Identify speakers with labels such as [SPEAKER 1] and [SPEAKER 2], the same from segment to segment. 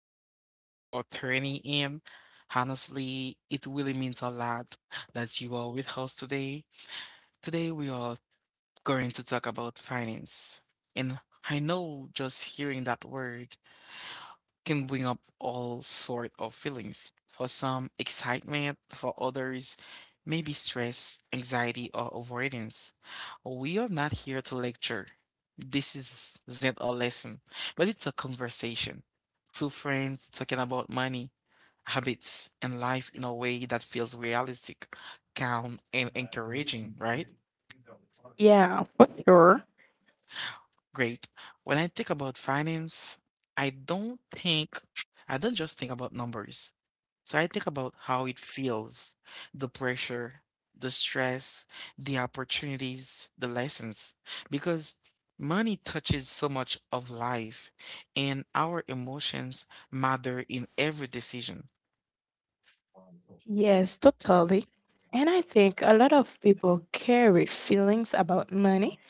[SPEAKER 1] Thanks so much for tuning in. Honestly, it really means a lot that you are with us today. Today, we are going to talk about finance. And I know just hearing that word can bring up all sort of feelings. For some, excitement, for others, maybe stress, anxiety, or avoidance. We are not here to lecture. This is not a lesson, but it's a conversation. Two friends talking about money, habits, and life in a way that feels realistic, calm, and encouraging, right?
[SPEAKER 2] Yeah, for sure.
[SPEAKER 1] Great. When I think about finance, I don't think, I don't just think about numbers. So I think about how it feels, the pressure, the stress, the opportunities, the lessons, because money touches so much of life and our emotions matter in every decision.
[SPEAKER 2] Yes, totally. And I think a lot of people carry feelings about money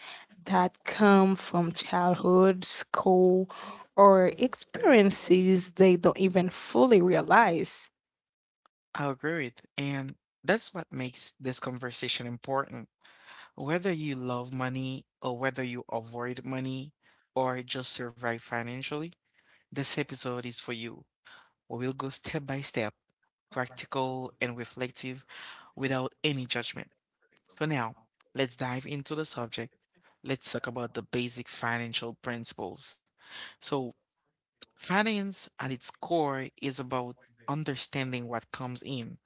[SPEAKER 2] that come from childhood, school, or experiences they don't even fully realize.
[SPEAKER 1] I agree with, and that's what makes this conversation important. Whether you love money or whether you avoid money or just survive financially, this episode is for you. We will go step by step, practical and reflective without any judgment. So now, let's dive into the subject. Let's talk about the basic financial principles. So, finance at its core is about understanding what comes in,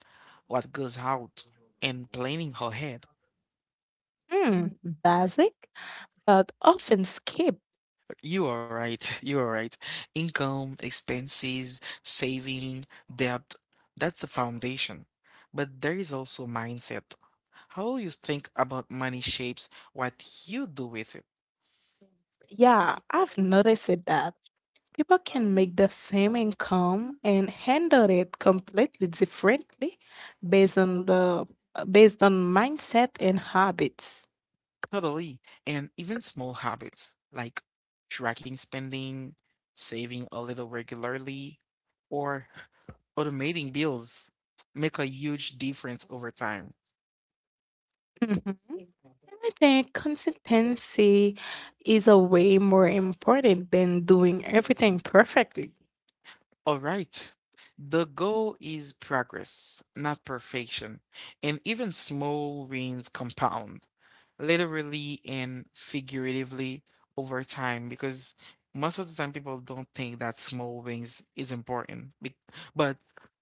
[SPEAKER 1] what goes out, and planning ahead.
[SPEAKER 2] Hmm, basic, but often skip.
[SPEAKER 1] You are right. You are right. Income, expenses, saving, debt, that's the foundation. But there is also mindset. How you think about money shapes what you do with it.
[SPEAKER 2] Yeah, I've noticed it that. People can make the same income and handle it completely differently based on the based on mindset and habits.
[SPEAKER 1] Totally. And even small habits like tracking spending, saving a little regularly, or automating bills make a huge difference over time.
[SPEAKER 2] Mhm. And I think consistency is a way more important than doing everything perfectly.
[SPEAKER 1] All right. The goal is progress, not perfection, and even small wins compound, literally and figuratively over time, because most of the time people don't think that small wins is important. But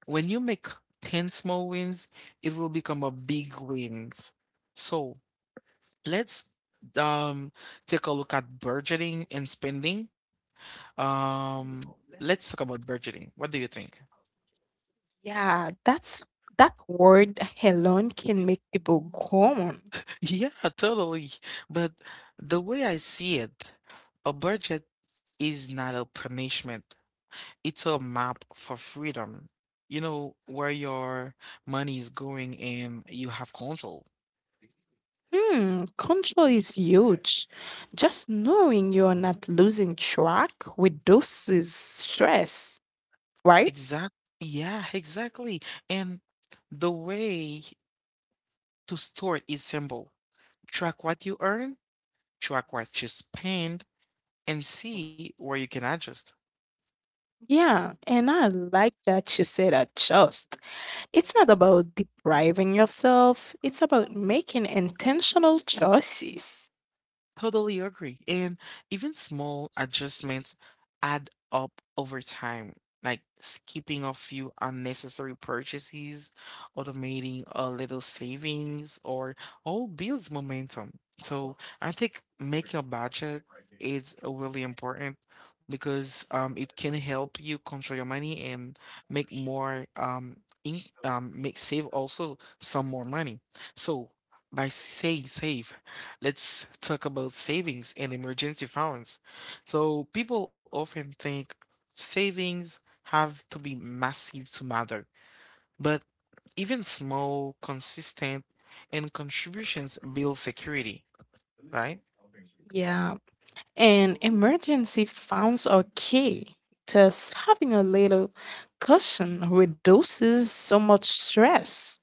[SPEAKER 1] when you make 10 small wins, it will become a big wins. So let's um take a look at budgeting and spending. Um, let's talk about budgeting. What do you think?
[SPEAKER 2] Yeah, that word alone can make people go on.
[SPEAKER 1] Yeah, totally. But the way I see it, a budget is not a punishment. It's a map for freedom. You know, where your money is going and you have control.
[SPEAKER 2] Hmm, control is huge. Just knowing you're not losing track reduces stress, right?
[SPEAKER 1] Exact. Yeah, exactly. And the way to store it is simple. Track what you earn, track what you spend, and see where you can adjust.
[SPEAKER 2] Yeah, and I like that you said adjust. It's not about depriving yourself, it's about making intentional choices.
[SPEAKER 1] Totally agree. And even small adjustments add up over time, like skipping a few unnecessary purchases, automating a little savings, or all builds momentum. So I think making a budget is really important because it can help you control your money and make more um, in, make save also some more money. So by saying save. Let's talk about savings and emergency funds. So, people often think savings have to be massive to matter, but even small, consistent, and contributions build security, right?
[SPEAKER 2] Yeah, and emergency funds are key. Just having a little cushion reduces so much stress.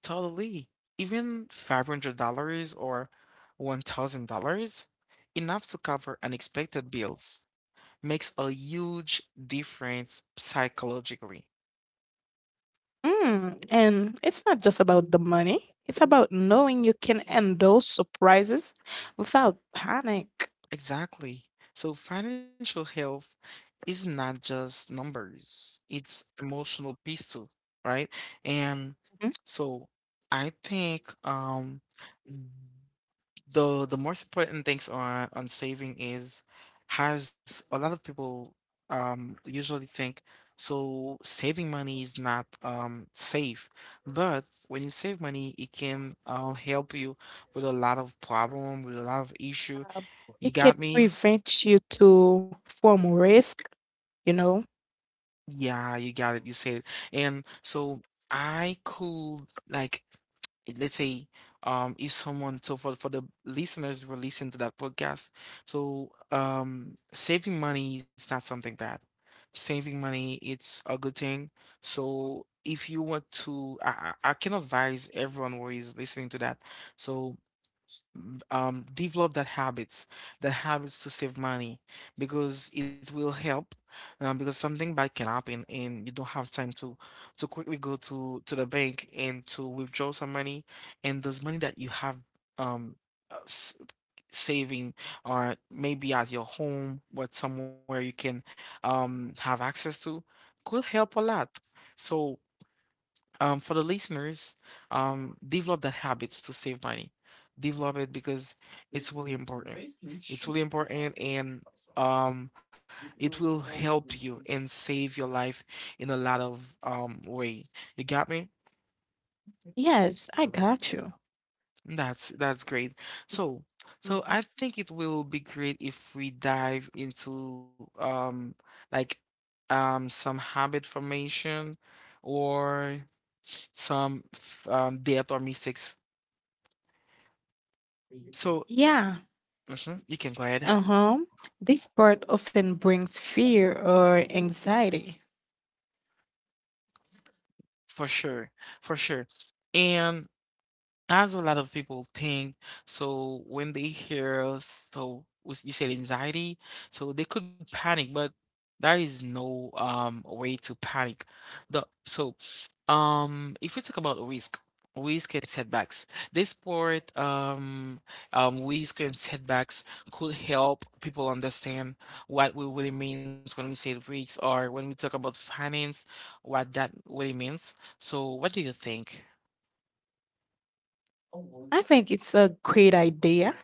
[SPEAKER 1] Totally. Even $500 or $1,000, enough to cover unexpected bills, makes a huge difference psychologically.
[SPEAKER 2] Mm, and it's not just about the money, it's about knowing you can endure surprises without panic.
[SPEAKER 1] Exactly. So financial health is not just numbers, it's emotional peace too, right? And
[SPEAKER 2] Mhm.
[SPEAKER 1] so I think the the most important things on saving is has a lot of people usually think so saving money is not safe, but when you save money, it can help you with a lot of problem, with a lot of issue.
[SPEAKER 2] Um,
[SPEAKER 1] You
[SPEAKER 2] It can
[SPEAKER 1] got me?
[SPEAKER 2] prevent you to form risk, you know?
[SPEAKER 1] Yeah, you got it. You said it. And so I could like let's say if someone so for the listeners who are listening to that podcast, so saving money is not something bad. Saving money it's a good thing. So if you want to I can advise everyone who is listening to that. So develop that habits to save money because it will help. Because something bad can happen and you don't have time to quickly go to the bank and to withdraw some money, and those money that you have um uh, s- saving or maybe at your home, but somewhere you can have access to could help a lot. So for the listeners, develop that habits to save money. Develop it because it's really important. It's really important and um it will help you and save your life in a lot of ways. You got me?
[SPEAKER 2] Yes, I got you.
[SPEAKER 1] That's great. So so I think it will be great if we dive into like some habit formation or some death or mistakes. So
[SPEAKER 2] Yeah.
[SPEAKER 1] you can go
[SPEAKER 2] Uh
[SPEAKER 1] ahead
[SPEAKER 2] huh. This part often brings fear or anxiety.
[SPEAKER 1] for sure, for sure. And as a lot of people think, so when they hear, so you said anxiety, so they could panic, but there is no way to panic. The so if we talk about risk, and setbacks, this sport risk and setbacks could help people understand what we really means when we say risk or when we talk about finance, what that really means. So what do you think?
[SPEAKER 2] I think it's a great idea.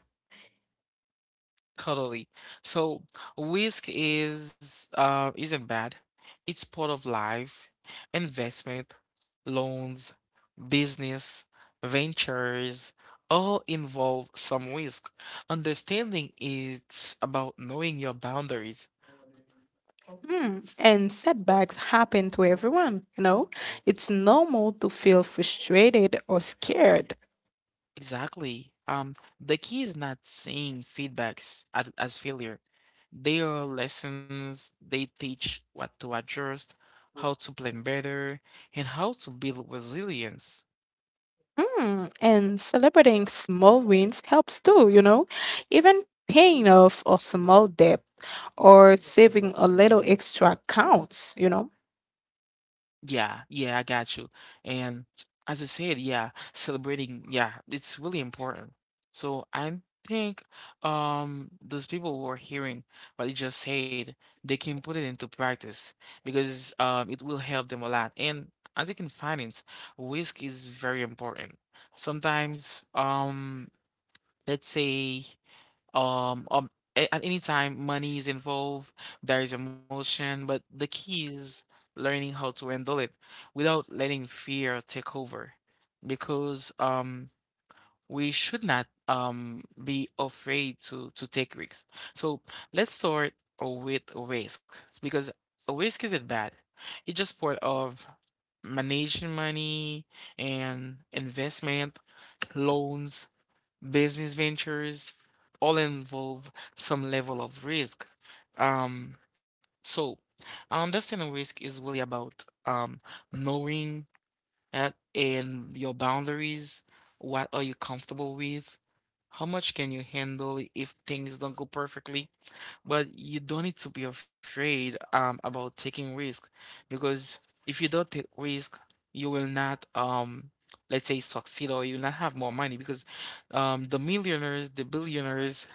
[SPEAKER 1] Totally. So risk is isn't bad. It's part of life, investment, loans, business, ventures, all involve some risk. Understanding it's about knowing your boundaries.
[SPEAKER 2] Hmm. And setbacks happen to everyone, you know? It's normal to feel frustrated or scared.
[SPEAKER 1] Exactly. The key is not seeing feedbacks as failure. They are lessons. They teach what to adjust, how to plan better, and how to build resilience.
[SPEAKER 2] Mm, and celebrating small wins helps too, you know? Even paying off a small debt or saving a little extra counts, you know?
[SPEAKER 1] Yeah, yeah, I got you. And as I said, yeah, celebrating, yeah, it's really important. So I think those people who are hearing what you just said, they can put it into practice because it will help them a lot. And as you can finance, risk is very important. Sometimes, let's say um, um at any time money is involved, there is emotion, but the key is learning how to handle it without letting fear take over. Because we should not be afraid to take risks. So let's start with risk because risk isn't bad. It's just part of managing money and investment, loans. Business ventures all involve some level of risk. Um, so understanding risk is really about knowing that and your boundaries. What are you comfortable with? How much can you handle if things don't go perfectly? But you don't need to be afraid about taking risk because if you don't take risk, you will not let's say succeed or you'll not have more money because the millionaires, the billionaires,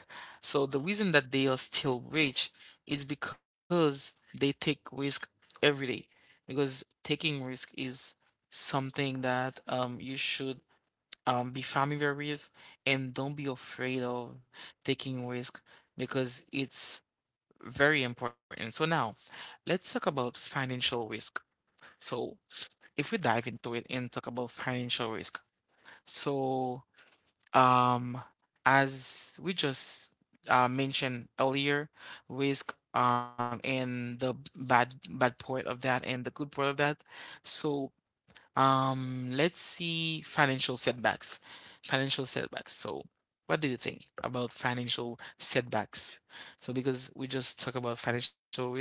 [SPEAKER 1] so the reason that they are still rich is because they take risk every day because taking risk is something that you should be familiar with and don't be afraid of taking risk because it's very important. So now, let's talk about financial risk. So if we dive into it and talk about financial risk, so um, as we just mentioned earlier, risk and the bad part of that and the good part of that. So let's see financial setbacks. Financial setbacks. So what do you think about financial setbacks? So because we just talk about financial risk.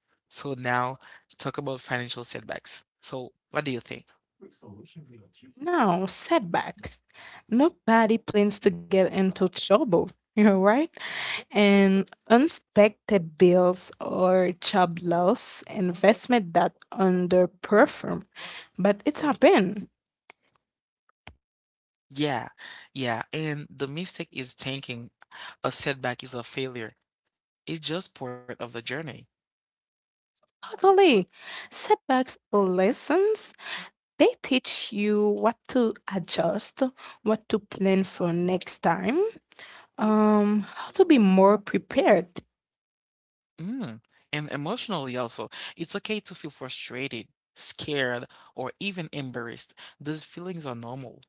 [SPEAKER 1] So now talk about financial setbacks. So what do you think?
[SPEAKER 2] No, setbacks. Nobody plans to get into trouble, you're right. And unexpected bills or job loss, investment that underperform. But it's happened.
[SPEAKER 1] Yeah, yeah. And the mistake is thinking a setback is a failure. It's just part of the journey.
[SPEAKER 2] Totally. Setbacks or lessons, they teach you what to adjust, what to plan for next time, how to be more prepared.
[SPEAKER 1] Mm. And emotionally also, it's okay to feel frustrated, scared, or even embarrassed. Those feelings are normal.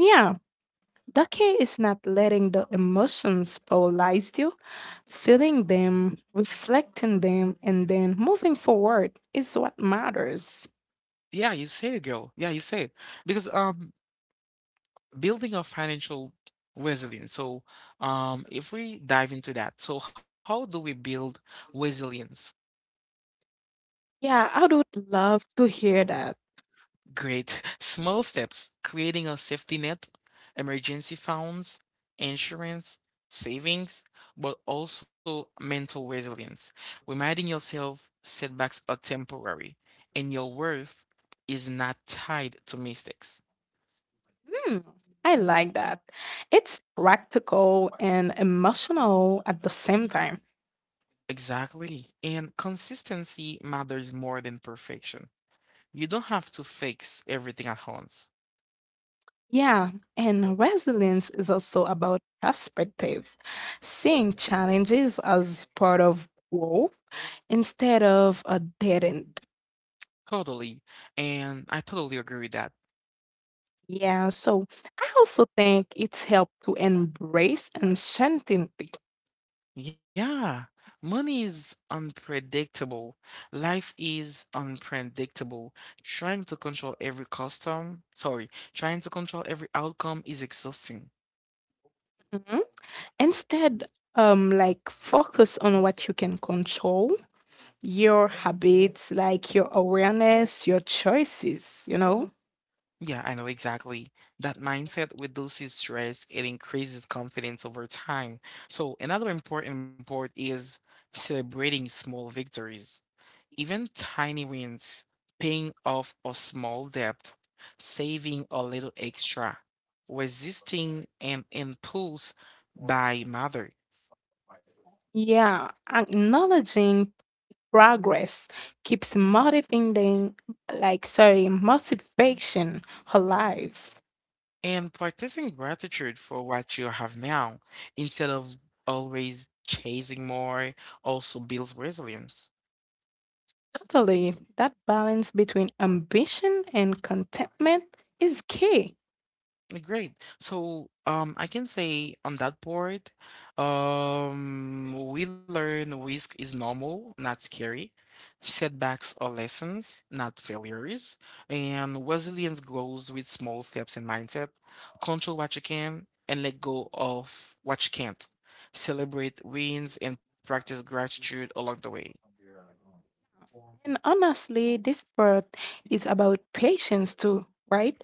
[SPEAKER 2] Yeah, Ducky is not letting the emotions paralyze you. Feeling them, reflecting them, and then moving forward is what matters.
[SPEAKER 1] Yeah, you say it, girl. Yeah, you say it. Because building our financial resilience. So, if we dive into that, so how do we build resilience?
[SPEAKER 2] Yeah, I would love to hear that.
[SPEAKER 1] Great. Small steps, creating a safety net, emergency funds, insurance, savings, but also mental resilience. Reminding yourself setbacks are temporary and your worth is not tied to mistakes.
[SPEAKER 2] Hmm, I like that. It's practical and emotional at the same time.
[SPEAKER 1] Exactly. And consistency matters more than perfection. You don't have to fix everything at once.
[SPEAKER 2] Yeah, and resilience is also about perspective, seeing challenges as part of growth instead of a dead end.
[SPEAKER 1] Totally. And I totally agree with that.
[SPEAKER 2] Yeah, so I also think it's helped to embrace uncertainty.
[SPEAKER 1] Yeah, money is unpredictable. Life is unpredictable. Trying to control every custom, sorry, Trying to control every outcome is exhausting.
[SPEAKER 2] Mhm. Instead, like focus on what you can control, your habits, like your awareness, your choices, you know.
[SPEAKER 1] Yeah, I know exactly. That mindset reduces stress, it increases confidence over time. So another important part is celebrating small victories. Even tiny wins, paying off a small debt, saving a little extra, resisting an impulse by mother,
[SPEAKER 2] Yeah, acknowledging progress keeps motivating, motivation alive.
[SPEAKER 1] and practicing gratitude for what you have now instead of always chasing more also builds resilience.
[SPEAKER 2] Totally, that balance between ambition and contentment is key.
[SPEAKER 1] Great. So, I can say on that board, we learn risk is normal, not scary. Setbacks are lessons, not failures. And resilience grows with small steps and mindset. Control what you can and let go of what you can't. Celebrate wins and practice gratitude along the way.
[SPEAKER 2] And honestly, this part is about patience too, right?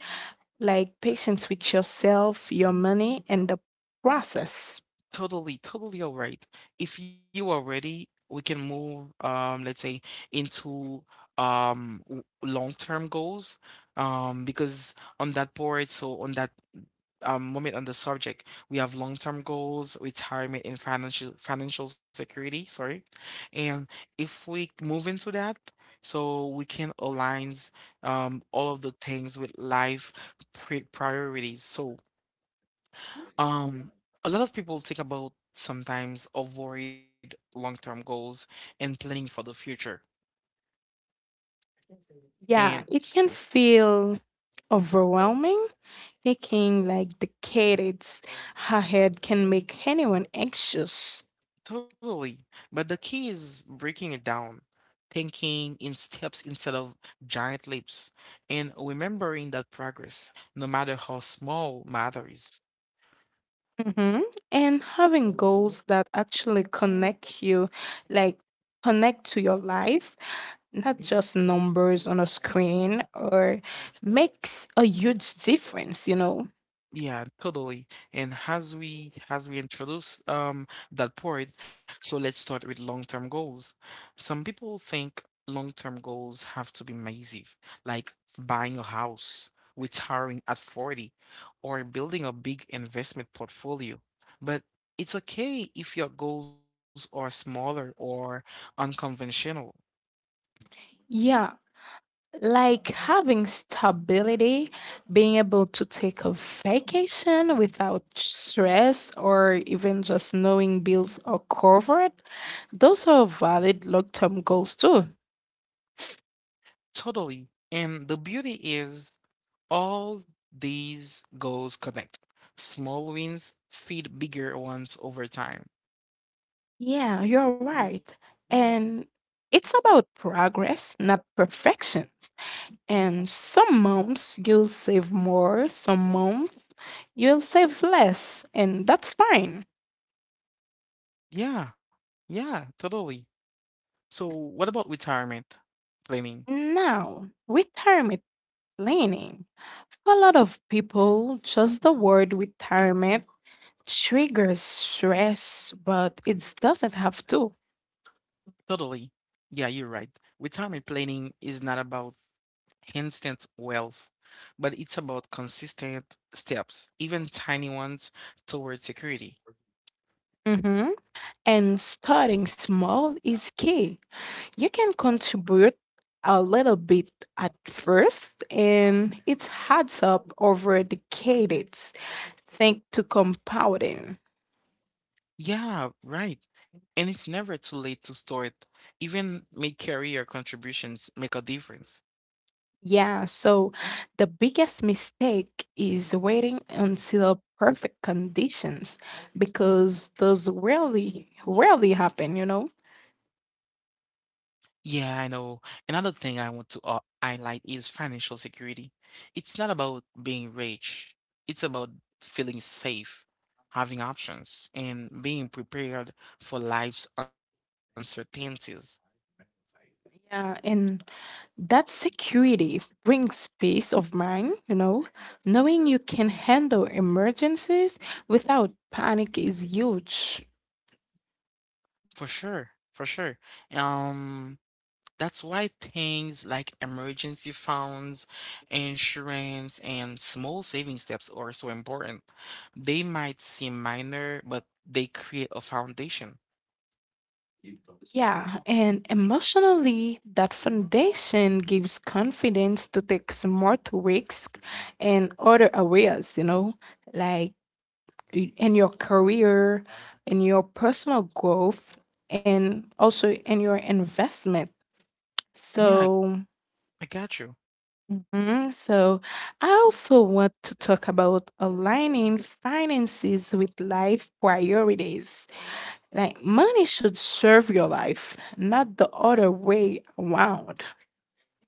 [SPEAKER 2] Like patience with yourself, your money, and the process.
[SPEAKER 1] Totally, totally all right. If you are ready, we can move, let's say, into long-term goals. Because on that board, so on that moment on the subject, we have long-term goals, retirement, and financial security, sorry. And if we move into that, so we can align all of the things with life priorities. So um, a lot of people think about sometimes avoid long-term goals and planning for the future. And
[SPEAKER 2] Yeah, it can feel overwhelming thinking like the decades ahead can make anyone anxious.
[SPEAKER 1] totally, but the key is breaking it down, thinking in steps instead of giant leaps, and remembering that progress, no matter how small, matters.
[SPEAKER 2] Mm-hmm. And having goals that actually connect you, like connect to your life, not just numbers on a screen, or makes a huge difference, you know?
[SPEAKER 1] Yeah, totally. And as we introduce that point, so let's start with long-term goals. Some people think long-term goals have to be massive, like buying a house, retiring at 40, or building a big investment portfolio. But it's okay if your goals are smaller or unconventional.
[SPEAKER 2] Yeah, like having stability, being able to take a vacation without stress, or even just knowing bills are covered. Those are valid long term goals too.
[SPEAKER 1] Totally. And the beauty is all these goals connect. Small wins feed bigger ones over time.
[SPEAKER 2] Yeah, you're right. And it's about progress, not perfection. And some months you'll save more, some months you'll save less, and that's fine.
[SPEAKER 1] Yeah, yeah, totally. So, what about retirement planning?
[SPEAKER 2] Now, retirement planning. For a lot of people, just the word retirement triggers stress, but it doesn't have to.
[SPEAKER 1] Totally. Yeah, you're right. Retirement planning is not about instant wealth, but it's about consistent steps, even tiny ones, toward security.
[SPEAKER 2] Mhm. And starting small is key. You can contribute a little bit at first, and it adds up over decades thanks to compounding.
[SPEAKER 1] Yeah, right. And it's never too late to start. Even mid-career contributions make a difference.
[SPEAKER 2] Yeah, so the biggest mistake is waiting until perfect conditions because those rarely happen, you know?
[SPEAKER 1] Yeah, I know. Another thing I want to highlight is financial security. It's not about being rich, it's about feeling safe, having options, and being prepared for life's uncertainties.
[SPEAKER 2] Yeah, and that security brings peace of mind, you know. Knowing you can handle emergencies without panic is huge.
[SPEAKER 1] For sure, for sure. Um, that's why things like emergency funds, insurance, and small saving steps are so important. They might seem minor, but they create a foundation.
[SPEAKER 2] Yeah, and emotionally, that foundation gives confidence to take smart risks in other areas, you know, like in your career, in your personal growth, and also in your investment.
[SPEAKER 1] Yeah, I
[SPEAKER 2] So,
[SPEAKER 1] I got you.
[SPEAKER 2] mhm, so I also want to talk about aligning finances with life priorities. Like money should serve your life, not the other way around.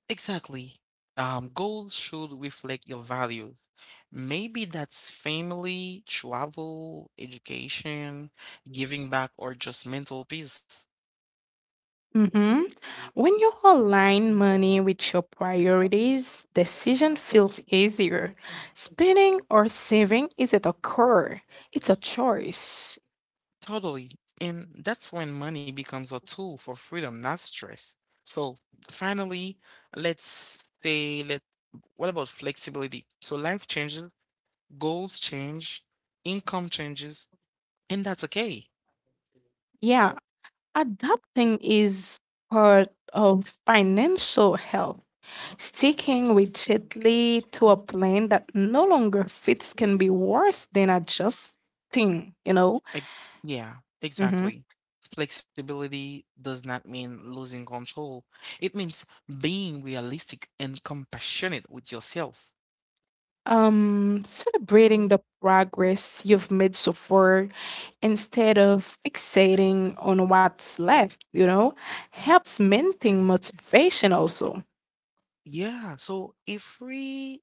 [SPEAKER 1] Exactly. Goals should reflect your values. Maybe that's family, travel, education, giving back, or just mental peace.
[SPEAKER 2] Mm-hmm. When you align money with your priorities, decision feels easier. Spending or saving isn't a core; it's a choice.
[SPEAKER 1] Totally. And that's when money becomes a tool for freedom, not stress. So finally, let what about flexibility? So life changes, goals change, income changes, and that's okay.
[SPEAKER 2] Yeah, adapting is part of financial health. Sticking rigidly to a plan that no longer fits can be worse than adjusting, you know.
[SPEAKER 1] Ex- Yeah,
[SPEAKER 2] Mm-hmm.
[SPEAKER 1] exactly. Flexibility does not mean losing control. It means being realistic and compassionate with yourself.
[SPEAKER 2] Um, celebrating the progress you've made so far instead of fixating on what's left, you know, helps maintain motivation also.
[SPEAKER 1] Yeah, so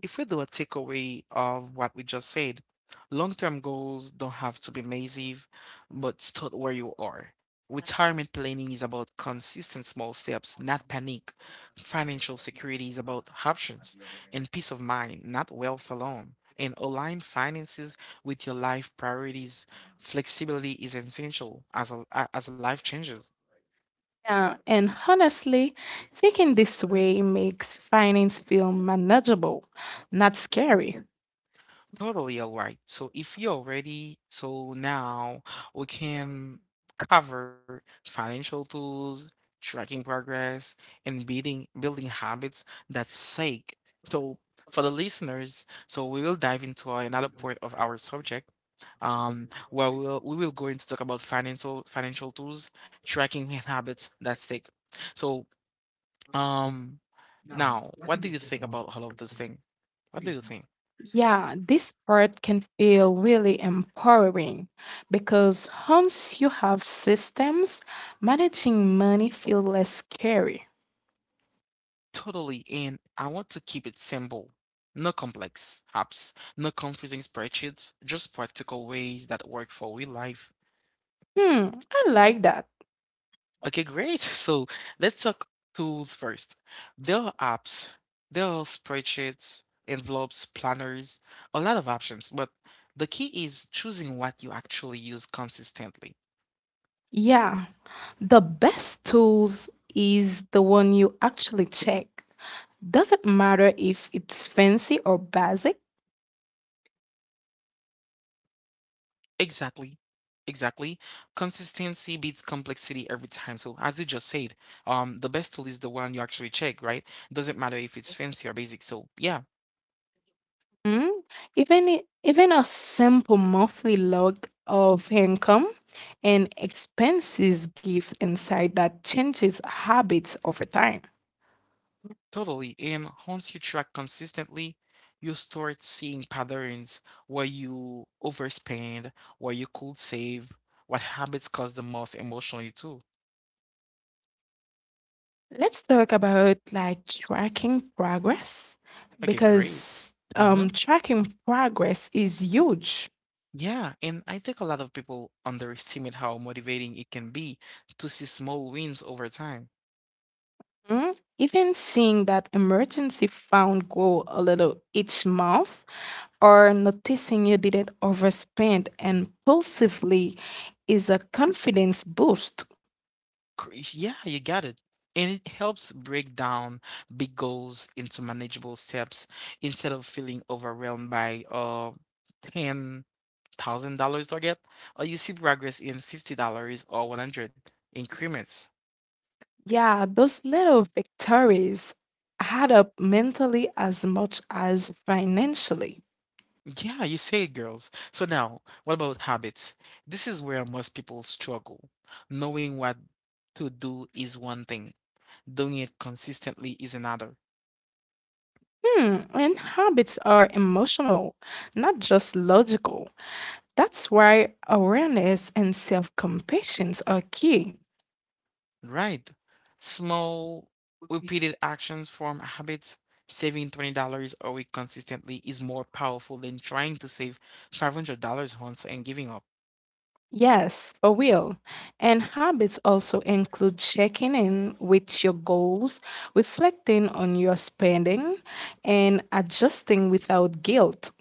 [SPEAKER 1] if we do a takeaway of what we just said, long-term goals don't have to be massive, but start where you are. Retirement planning is about consistent small steps, not panic. Financial security is about options and peace of mind, not wealth alone. And align finances with your life priorities. Flexibility is essential as as life changes.
[SPEAKER 2] Yeah, and honestly, thinking this way makes finance feel manageable, not scary.
[SPEAKER 1] Totally, all right. So if you're ready, so now we can cover financial tools, tracking progress, and building habits that sake. So for the listeners, so we will dive into another part of our subject. Where we will go into talk about financial tools, tracking and habits that sake. So um now, what do you think about all of this thing? What do you think?
[SPEAKER 2] Yeah, this part can feel really empowering because once you have systems, managing money feel less scary.
[SPEAKER 1] Totally, and I want to keep it simple. No complex apps, no confusing spreadsheets, just practical ways that work for real life.
[SPEAKER 2] Hmm, I like that.
[SPEAKER 1] Okay, great. So let's talk tools first. There are apps, there are spreadsheets, envelopes, planners, a lot of options, but the key is choosing what you actually use consistently.
[SPEAKER 2] Yeah, the best tools is the one you actually check. Doesn't matter if it's fancy or basic.
[SPEAKER 1] Exactly. Exactly. Consistency beats complexity every time. So as you just said, the best tool is the one you actually check, right? Doesn't matter if it's fancy or basic. So yeah,
[SPEAKER 2] Mm, even a simple monthly log of income and expenses gives insight that changes habits over time.
[SPEAKER 1] totally. And once you track consistently, you start seeing patterns where you overspend, where you could save, what habits cause the most emotionally too.
[SPEAKER 2] Let's talk about like tracking progress
[SPEAKER 1] Okay, great.
[SPEAKER 2] because
[SPEAKER 1] Mm-hmm.
[SPEAKER 2] tracking progress is huge.
[SPEAKER 1] Yeah, and I think a lot of people underestimate how motivating it can be to see small wins over time.
[SPEAKER 2] Mm? Even seeing that emergency fund grow a little each month or noticing you didn't overspend and impulsively is a confidence boost.
[SPEAKER 1] Yeah, you got it. And it helps break down big goals into manageable steps instead of feeling overwhelmed by a $10,000 target, or you see progress in $50 or 100 increments.
[SPEAKER 2] Yeah, those little victories add up mentally as much as financially.
[SPEAKER 1] Yeah, you say it, girls. So now, what about habits? This is where most people struggle. Knowing what to do is one thing, doing it consistently is another.
[SPEAKER 2] Hmm, and habits are emotional, not just logical. That's why awareness and self compassion are key.
[SPEAKER 1] Right. Small, repeated actions form habits. Saving $20 a week consistently is more powerful than trying to save $500 once and giving up.
[SPEAKER 2] Yes, for real. And habits also include checking in with your goals, reflecting on your spending, and adjusting without guilt.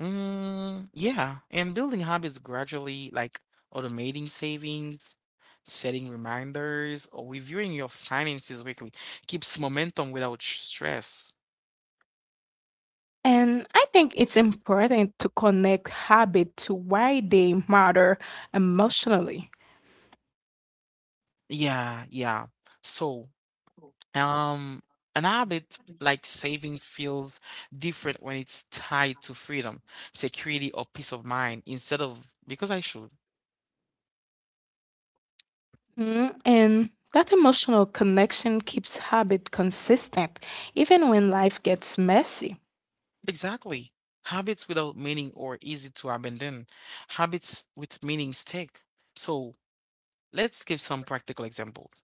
[SPEAKER 1] Mm, yeah, and building habits gradually, like automating savings, setting reminders, or reviewing your finances weekly, keeps momentum without stress.
[SPEAKER 2] And I think it's important to connect habit to why they matter emotionally.
[SPEAKER 1] Yeah, yeah. So, Um, an habit like saving feels different when it's tied to freedom, security, or peace of mind instead of because I should.
[SPEAKER 2] Mm, and that emotional connection keeps habit consistent, even when life gets messy.
[SPEAKER 1] Exactly. Habits without meaning or easy to abandon. Habits with meaning stick. So let's give some practical examples.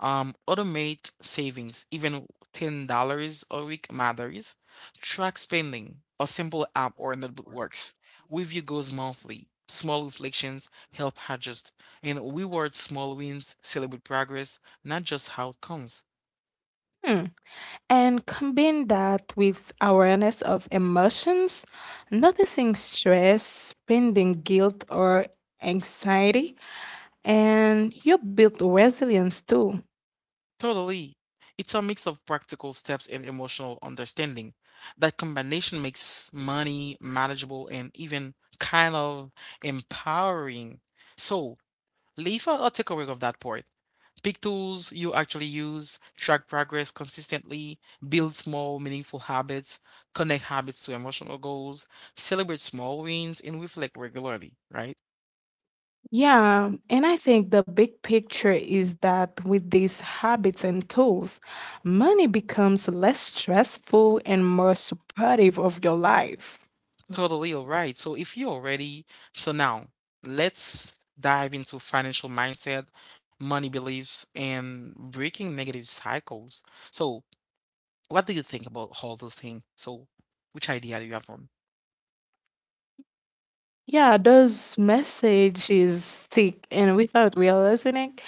[SPEAKER 1] Automate savings, even $10 a week matters. Track spending, a simple app or a notebook works. Review goals monthly. Small reflections help adjust and reward small wins, celebrate progress, not just outcomes.
[SPEAKER 2] Hmm. And combine that with awareness of emotions, noticing stress, pending guilt, or anxiety, and you built resilience too.
[SPEAKER 1] Totally. It's a mix of practical steps and emotional understanding. That combination makes money manageable and even kind of empowering. So, leave a takeaway of that part. Pick tools you actually use, track progress consistently, build small, meaningful habits, connect habits to emotional goals, celebrate small wins, and reflect regularly, right?
[SPEAKER 2] Yeah, and I think the big picture is that with these habits and tools, money becomes less stressful and more supportive of your life.
[SPEAKER 1] Totally, all right. So if you're ready, so now let's dive into financial mindset, money beliefs, and breaking negative cycles. So what do you think about all those things? So which idea do you have on?
[SPEAKER 2] Yeah, those messages stick, and without realizing it,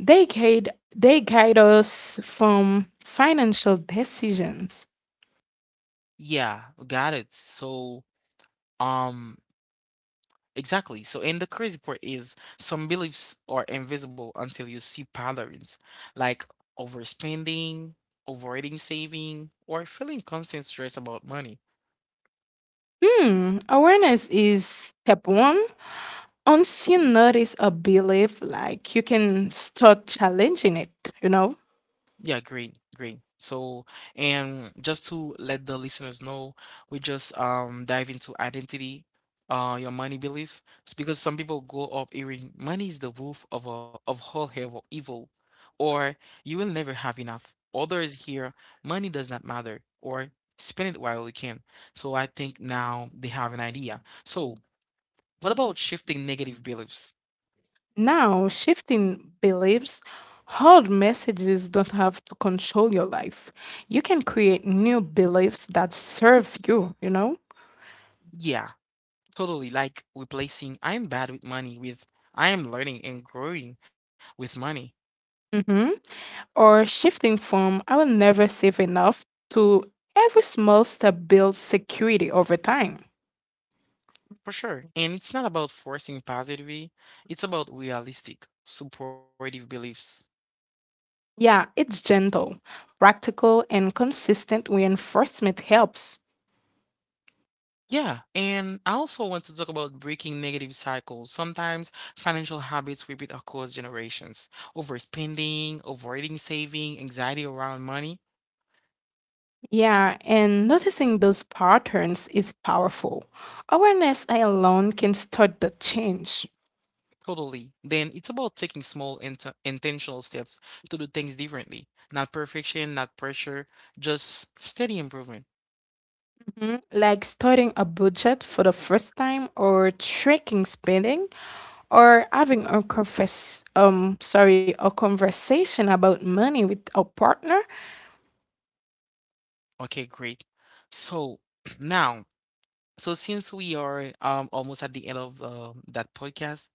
[SPEAKER 2] they guide they guide us from financial decisions.
[SPEAKER 1] Yeah, got it. So Um, exactly. So, and the crazy part is some beliefs are invisible until you see patterns like overspending, avoiding saving, or feeling constant stress about money.
[SPEAKER 2] Hmm, awareness is step one. Once you notice a belief, like you can start challenging it, you know?
[SPEAKER 1] Yeah, great, great. So, and just to let the listeners know, we just dive into identity, your money belief. It's because some people grow up hearing money is the wolf of a of all evil, evil, or you will never have enough. Others hear money does not matter, or spend it while you can. So I think now they have an idea. So, what about shifting negative beliefs?
[SPEAKER 2] Now, shifting beliefs, hard messages don't have to control your life. You can create new beliefs that serve you, you know?
[SPEAKER 1] Yeah. Totally, like replacing I'm bad with money with I am learning and growing with money,
[SPEAKER 2] Hmm. Or shifting from "I will never save enough" to "every small step builds security over time."
[SPEAKER 1] for sure. And it's not about forcing positivity, it's about realistic, supportive beliefs.
[SPEAKER 2] Yeah, it's gentle, practical, and consistent reinforcement helps.
[SPEAKER 1] Yeah, and I also want to talk about breaking negative cycles. Sometimes financial habits repeat across generations. Overspending, avoiding saving, anxiety around money.
[SPEAKER 2] Yeah, and noticing those patterns is powerful. Awareness alone can start the change.
[SPEAKER 1] Totally. Then it's about taking small intentional steps to do things differently. Not perfection, not pressure, just steady improvement.
[SPEAKER 2] Mhm. Like starting a budget for the first time, or tracking spending, or having a confess sorry a conversation about money with a partner.
[SPEAKER 1] Okay, great. So now, so since we are almost at the end of that podcast,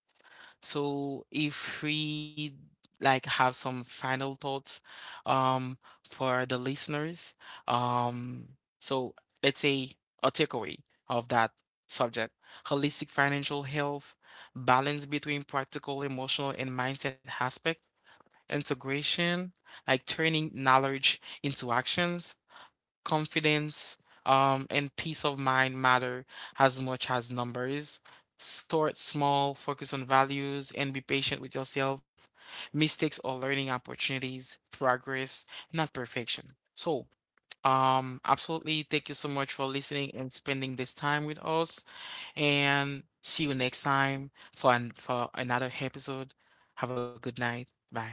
[SPEAKER 1] so if we like have some final thoughts um for the listeners, um so let's say a takeaway of that subject. Holistic financial health, balance between practical, emotional, and mindset aspect, integration, like turning knowledge into actions, confidence, and peace of mind matter as much as numbers. Start small, focus on values, and be patient with yourself. Mistakes are learning opportunities, progress, not perfection. So, absolutely, thank you so much for listening and spending this time with us. And see you next time for for another episode. Have a good night. Bye.